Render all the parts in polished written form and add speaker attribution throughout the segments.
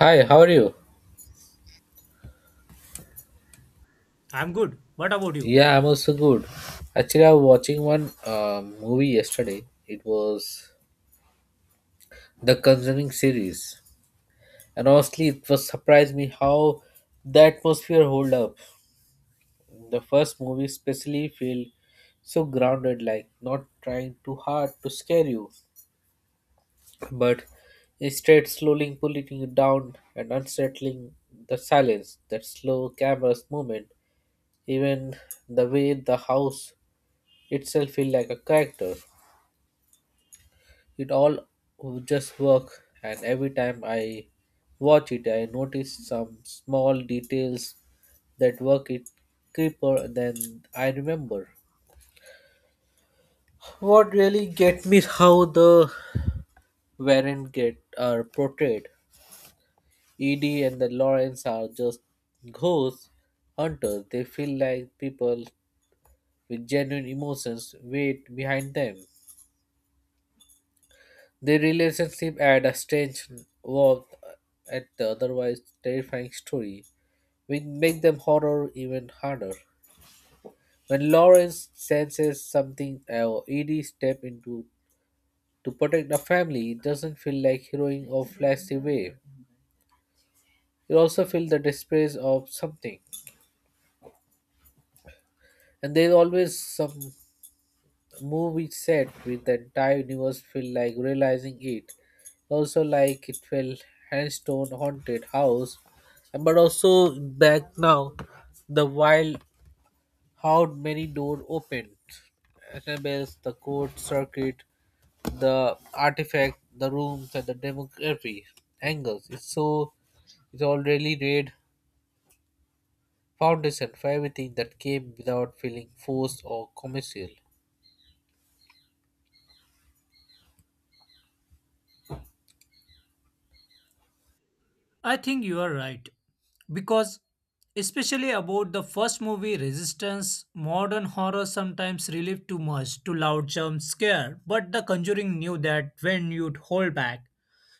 Speaker 1: Hi, how are you?
Speaker 2: I'm good. What about you?
Speaker 1: Yeah, I'm also good. Actually, I was watching one movie yesterday. It was the Conjuring series, and honestly, it was surprised me how the atmosphere hold up. The first movie especially feel so grounded, like not trying too hard to scare you, but instead slowly pulling you down and unsettling the silence. That slow camera's movement, even the way the house itself feel like a character. It all just work, and every time I watch it, I notice some small details that work it creeper than I remember. What really get me is how the Warren get are portrayed. Edie and the Lawrence are just ghost hunters. They feel like people with genuine emotions wait behind them. The relationship add a strange warmth at the otherwise terrifying story, which make them horror even harder. When Lawrence senses something or Edie step into to protect the family, it doesn't feel like heroing or flashy way. You also feel the disgrace of something. And there's always some movie set with the entire universe feel like realizing it. Also like it will handstone haunted house, but also back now the wild, how many door opened, annabelle's the court circuit, the artifact, the rooms and the demography angles, it's so it's already laid foundation for everything that came without feeling forced or commercial.
Speaker 2: I think you are right. Because, especially about the first movie, Resistance, modern horror sometimes relive too much to loud jump scare, but The Conjuring knew that when you'd hold back.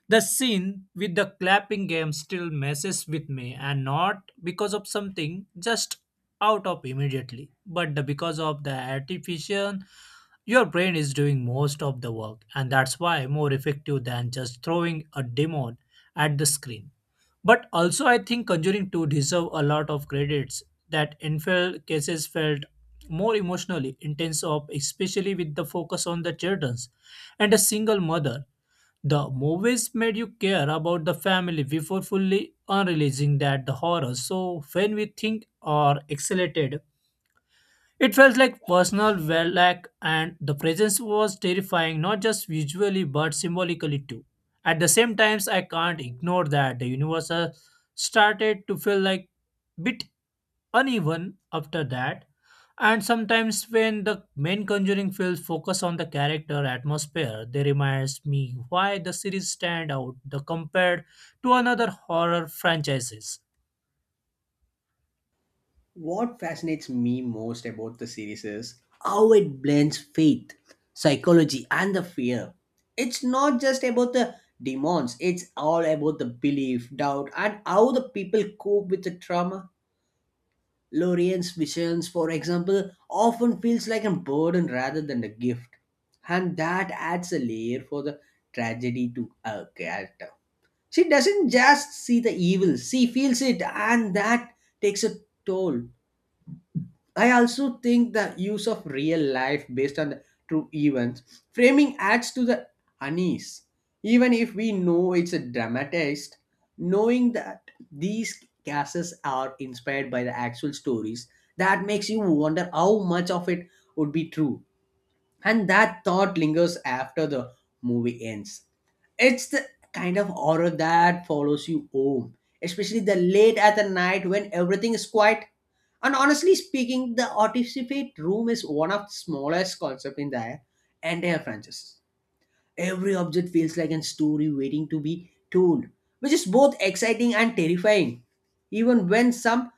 Speaker 2: The scene with the clapping game still messes with me, and not because of something just out of immediately, because of the artificial. Your brain is doing most of the work, and that's why more effective than just throwing a demon at the screen. But also, I think Conjuring 2 deserve a lot of credits that in cases felt more emotionally intense of, especially with the focus on the children's and a single mother. The movies made you care about the family before fully unreleasing that the horror, so when we think are accelerated it felt like personal verlac, and the presence was terrifying not just visually but symbolically too. At the same times I can't ignore that the universe started to feel like bit uneven after that, and sometimes when the main conjuring films focus on the character atmosphere they reminds me why the series stand out the compared to another horror franchises.
Speaker 3: What fascinates me most about the series is how it blends faith, psychology, and the fear. It's not just about the demons, it's all about the belief, doubt, and how the people cope with the trauma. Lorien's visions, for example, often feels like a burden rather than a gift. And that adds a layer for the tragedy to her character. She doesn't just see the evil, she feels it, and that takes a toll. I also think the use of real life based on the true events framing adds to the unease. Even if we know it's a dramatist, knowing that these cases are inspired by the actual stories, that makes you wonder how much of it would be true and that thought lingers after the movie ends. It's the kind of horror that follows you home, especially the late at the night when everything is quiet. And honestly speaking, the artifact room is one of the smallest concept in the entire franchise. Every object feels like a story waiting to be told, which is both exciting and terrifying. Even when some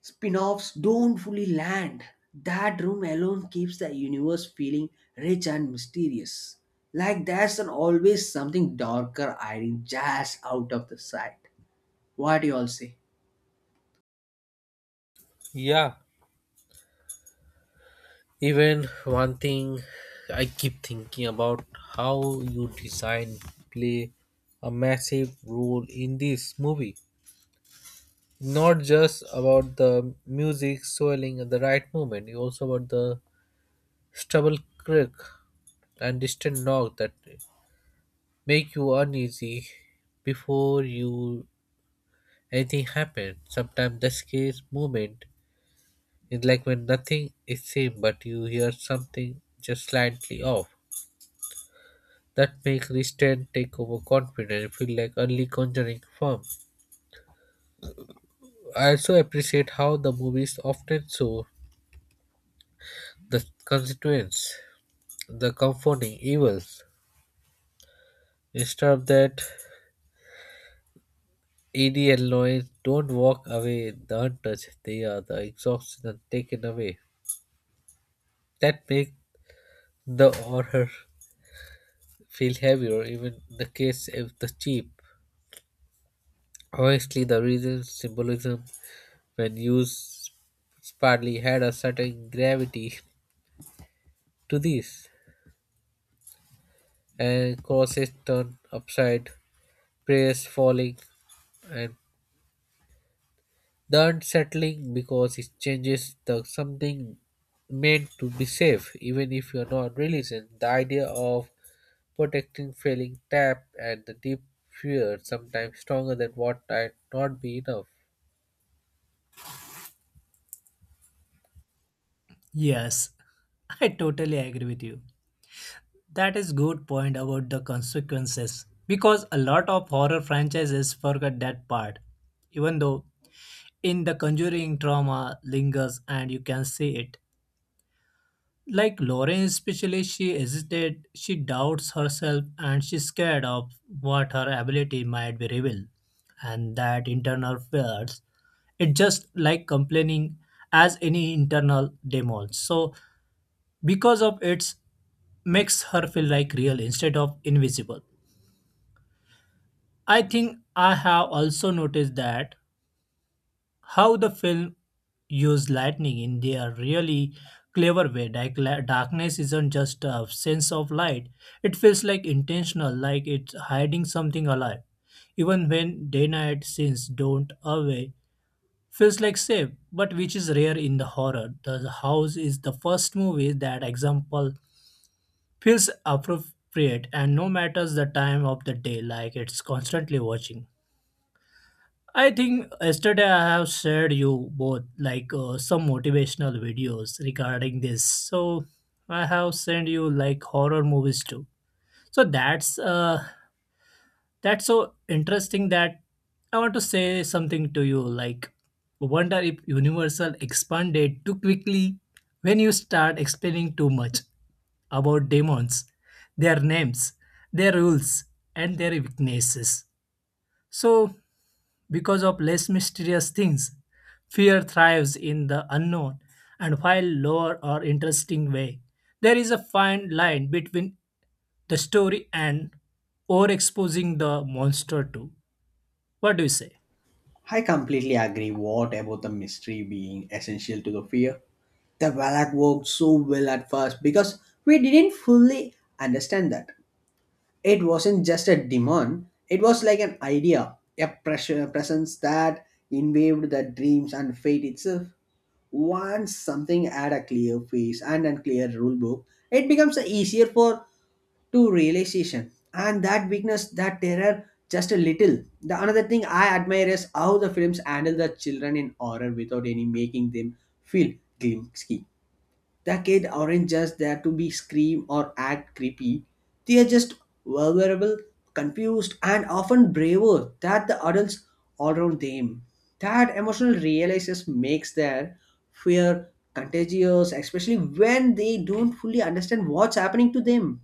Speaker 3: Spin-offs don't fully land. That room alone keeps the universe feeling rich and mysterious. Like there's an always something darker hiding just out of the sight. What do you all say?
Speaker 1: Yeah, even one thing I keep thinking about, how you design play a massive role in this movie. Not just about the music swelling at the right moment, you also about the stubble creak and distant knock that make you uneasy before you anything happens. Sometimes the scariest moment is like when nothing is seen, but you hear something just slightly off that make restraint take over confidence feel like early conjuring form. I also appreciate how the movies often show the constituents, the comforting evils. Instead of that, Edie and Lloyd don't walk away the untouched, they are the exhausted and taken away. That make the horror feel heavier even in the case of the cheap. Honestly, the reason symbolism when used Sparley had a certain gravity to this, and crosses turn upside, prayers falling, and the unsettling because it changes the something meant to be safe, even if you're not religion. The idea of protecting failing tap and the deep fear sometimes stronger than what might not be enough.
Speaker 2: Yes, I totally agree with you. That is good point about the consequences because a lot of horror franchises forget that part. Even though in The Conjuring trauma lingers and you can see it. Like Lauren especially she hesitated, she doubts herself and she's scared of what her ability might be revealed and that internal fears. It's just like complaining as any internal demon. So because of its makes her feel like real instead of invisible. I think I have also noticed that how the film used lightning in their really clever way. Like darkness isn't just a sense of light; it feels like intentional, like it's hiding something alive. Even when day-night scenes don't away, feels like safe, but which is rare in the horror. The House is the first movie that example feels appropriate, and no matters the time of the day, like it's constantly watching. I think yesterday I have shared you both like some motivational videos regarding this. So I have sent you like horror movies too. So that's so interesting that I want to say something to you like wonder if Universal expanded too quickly when you start explaining too much about demons, their names, their rules, and their weaknesses. So because of less mysterious things, fear thrives in the unknown, and while lower or interesting way, there is a fine line between the story and overexposing the monster to. What do you say?
Speaker 3: I completely agree. What about the mystery being essential to the fear? The Valak worked so well at first because we didn't fully understand that. It wasn't just a demon, it was like an idea, a pressure presence that invaded the dreams and fate itself. Once something add a clear face and a clear rule book, it becomes easier for to realization and that weakness that terror just a little. The another thing I admire is how the films handle the children in horror without any making them feel glimsky. The kid aren't just there to be scream or act creepy. They are just vulnerable, confused, and often braver than the adults all around them. That emotional realization makes their fear contagious, especially when they don't fully understand what's happening to them.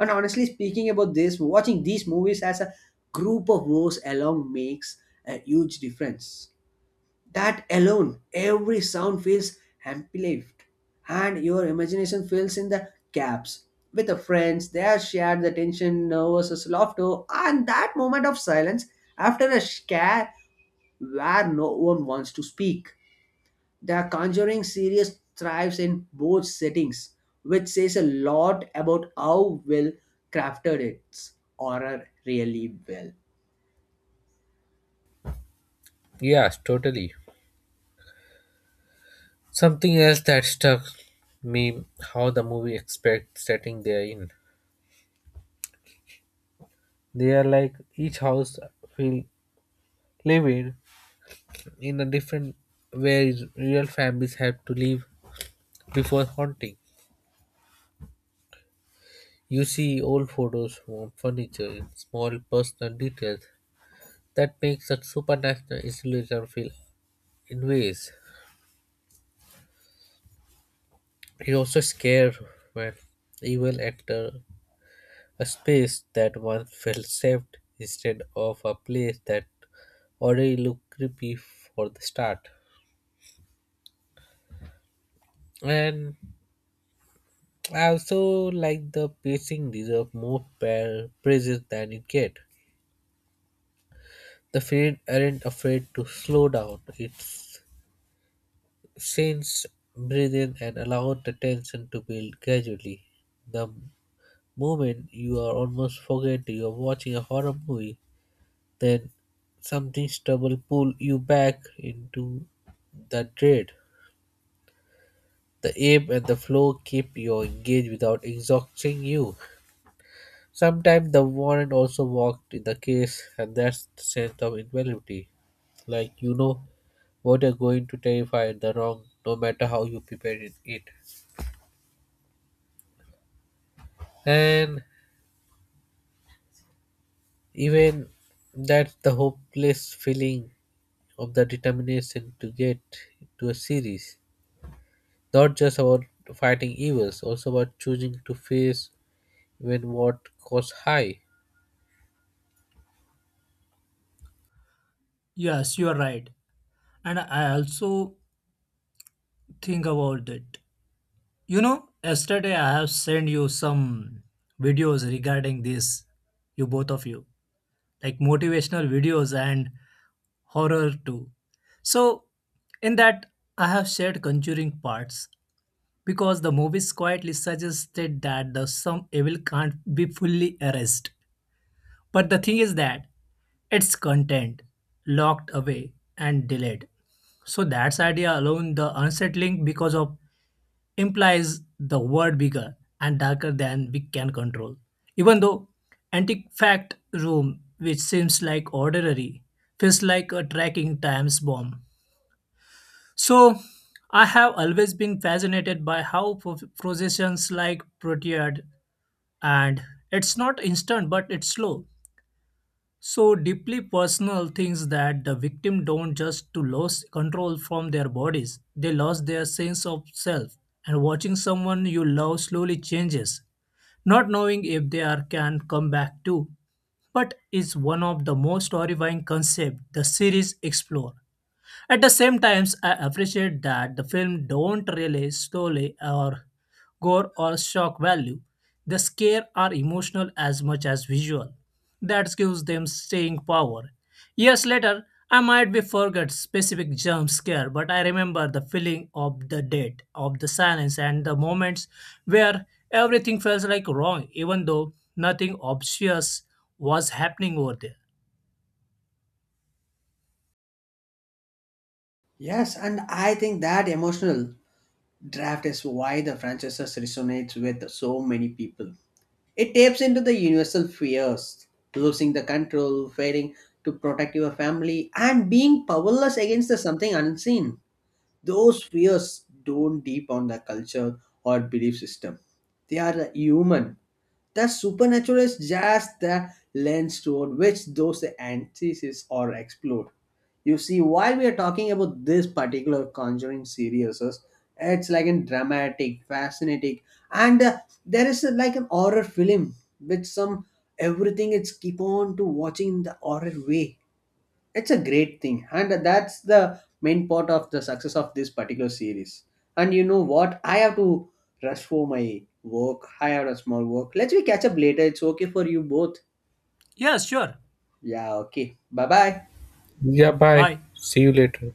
Speaker 3: And honestly speaking about this, watching these movies as a group of woes along makes a huge difference. That alone, every sound feels amplified, and your imagination fills in the gaps. With the friends, they have shared the tension, nervousness, laughter, and that moment of silence after a scare where no one wants to speak. The Conjuring series thrives in both settings, which says a lot about how well crafted its horror really well.
Speaker 1: Yes, totally. Something else that stuck me, how the movie expects setting they are in. They are like each house will live in a different way real families have to leave before haunting. You see old photos from furniture in small personal details that makes that supernatural isolation feel in ways. It also scares when evil enter a space that once felt safe instead of a place that already looked creepy for the start. And I also like the pacing deserve more praises than it get. The feet aren't afraid to slow down. It's since breathe in and allow the tension to build gradually. The moment you are almost forget you are watching a horror movie, then something stubble pull you back into the dread. The aim and the flow keep you engaged without exhausting you. Sometimes the warrant also walked in the case, and that's the sense of invalidity. Like you know what are going to terrify the wrong no matter how you prepare it. And even that's the hopeless feeling of the determination to get to a series, not just about fighting evils, also about choosing to face when what costs high.
Speaker 2: Yes, you are right. And I also think about it. You know, yesterday I have sent you some videos regarding this, you both of you, like motivational videos and horror too. So, in that, I have shared conjuring parts because the movies quietly suggested that the some evil can't be fully erased. But the thing is that its content locked away and delayed. So that's idea alone the unsettling because of implies the world bigger and darker than we can control. Even though antifact room, which seems like ordinary, feels like a tracking times bomb. So I have always been fascinated by how processions like proteid, and it's not instant but it's slow, so deeply personal things that the victim don't just to lose control from their bodies, they lost their sense of self. And watching someone you love slowly changes, not knowing if they are can come back too. But it's one of the most horrifying concepts the series explore. At the same times, I appreciate that the film don't rely solely or gore or shock value. The scare are emotional as much as visual. That gives them staying power. Years later, I might be forget specific jump scare, but I remember the feeling of the dead, of the silence, and the moments where everything felt like wrong, even though nothing obvious was happening over there.
Speaker 3: Yes, and I think that emotional draft is why the franchise resonates with so many people. It taps into the universal fears losing the control, failing to protect your family, and being powerless against the something unseen. Those fears don't deep on the culture or belief system. They are human. The supernatural is just the lens toward which those antitheses are explored. You see, while we are talking about this particular Conjuring series, it's like a dramatic, fascinating, and there is like an horror film with some everything. It's keep on to watching in the horror way, it's a great thing and that's the main part of the success of this particular series. And you know what, I have to rush for my work. I have a small work, let's we catch up later. It's okay for you both?
Speaker 2: Yeah, sure.
Speaker 3: Yeah, okay, bye bye.
Speaker 1: Yeah, bye.
Speaker 2: Bye.
Speaker 1: See you later.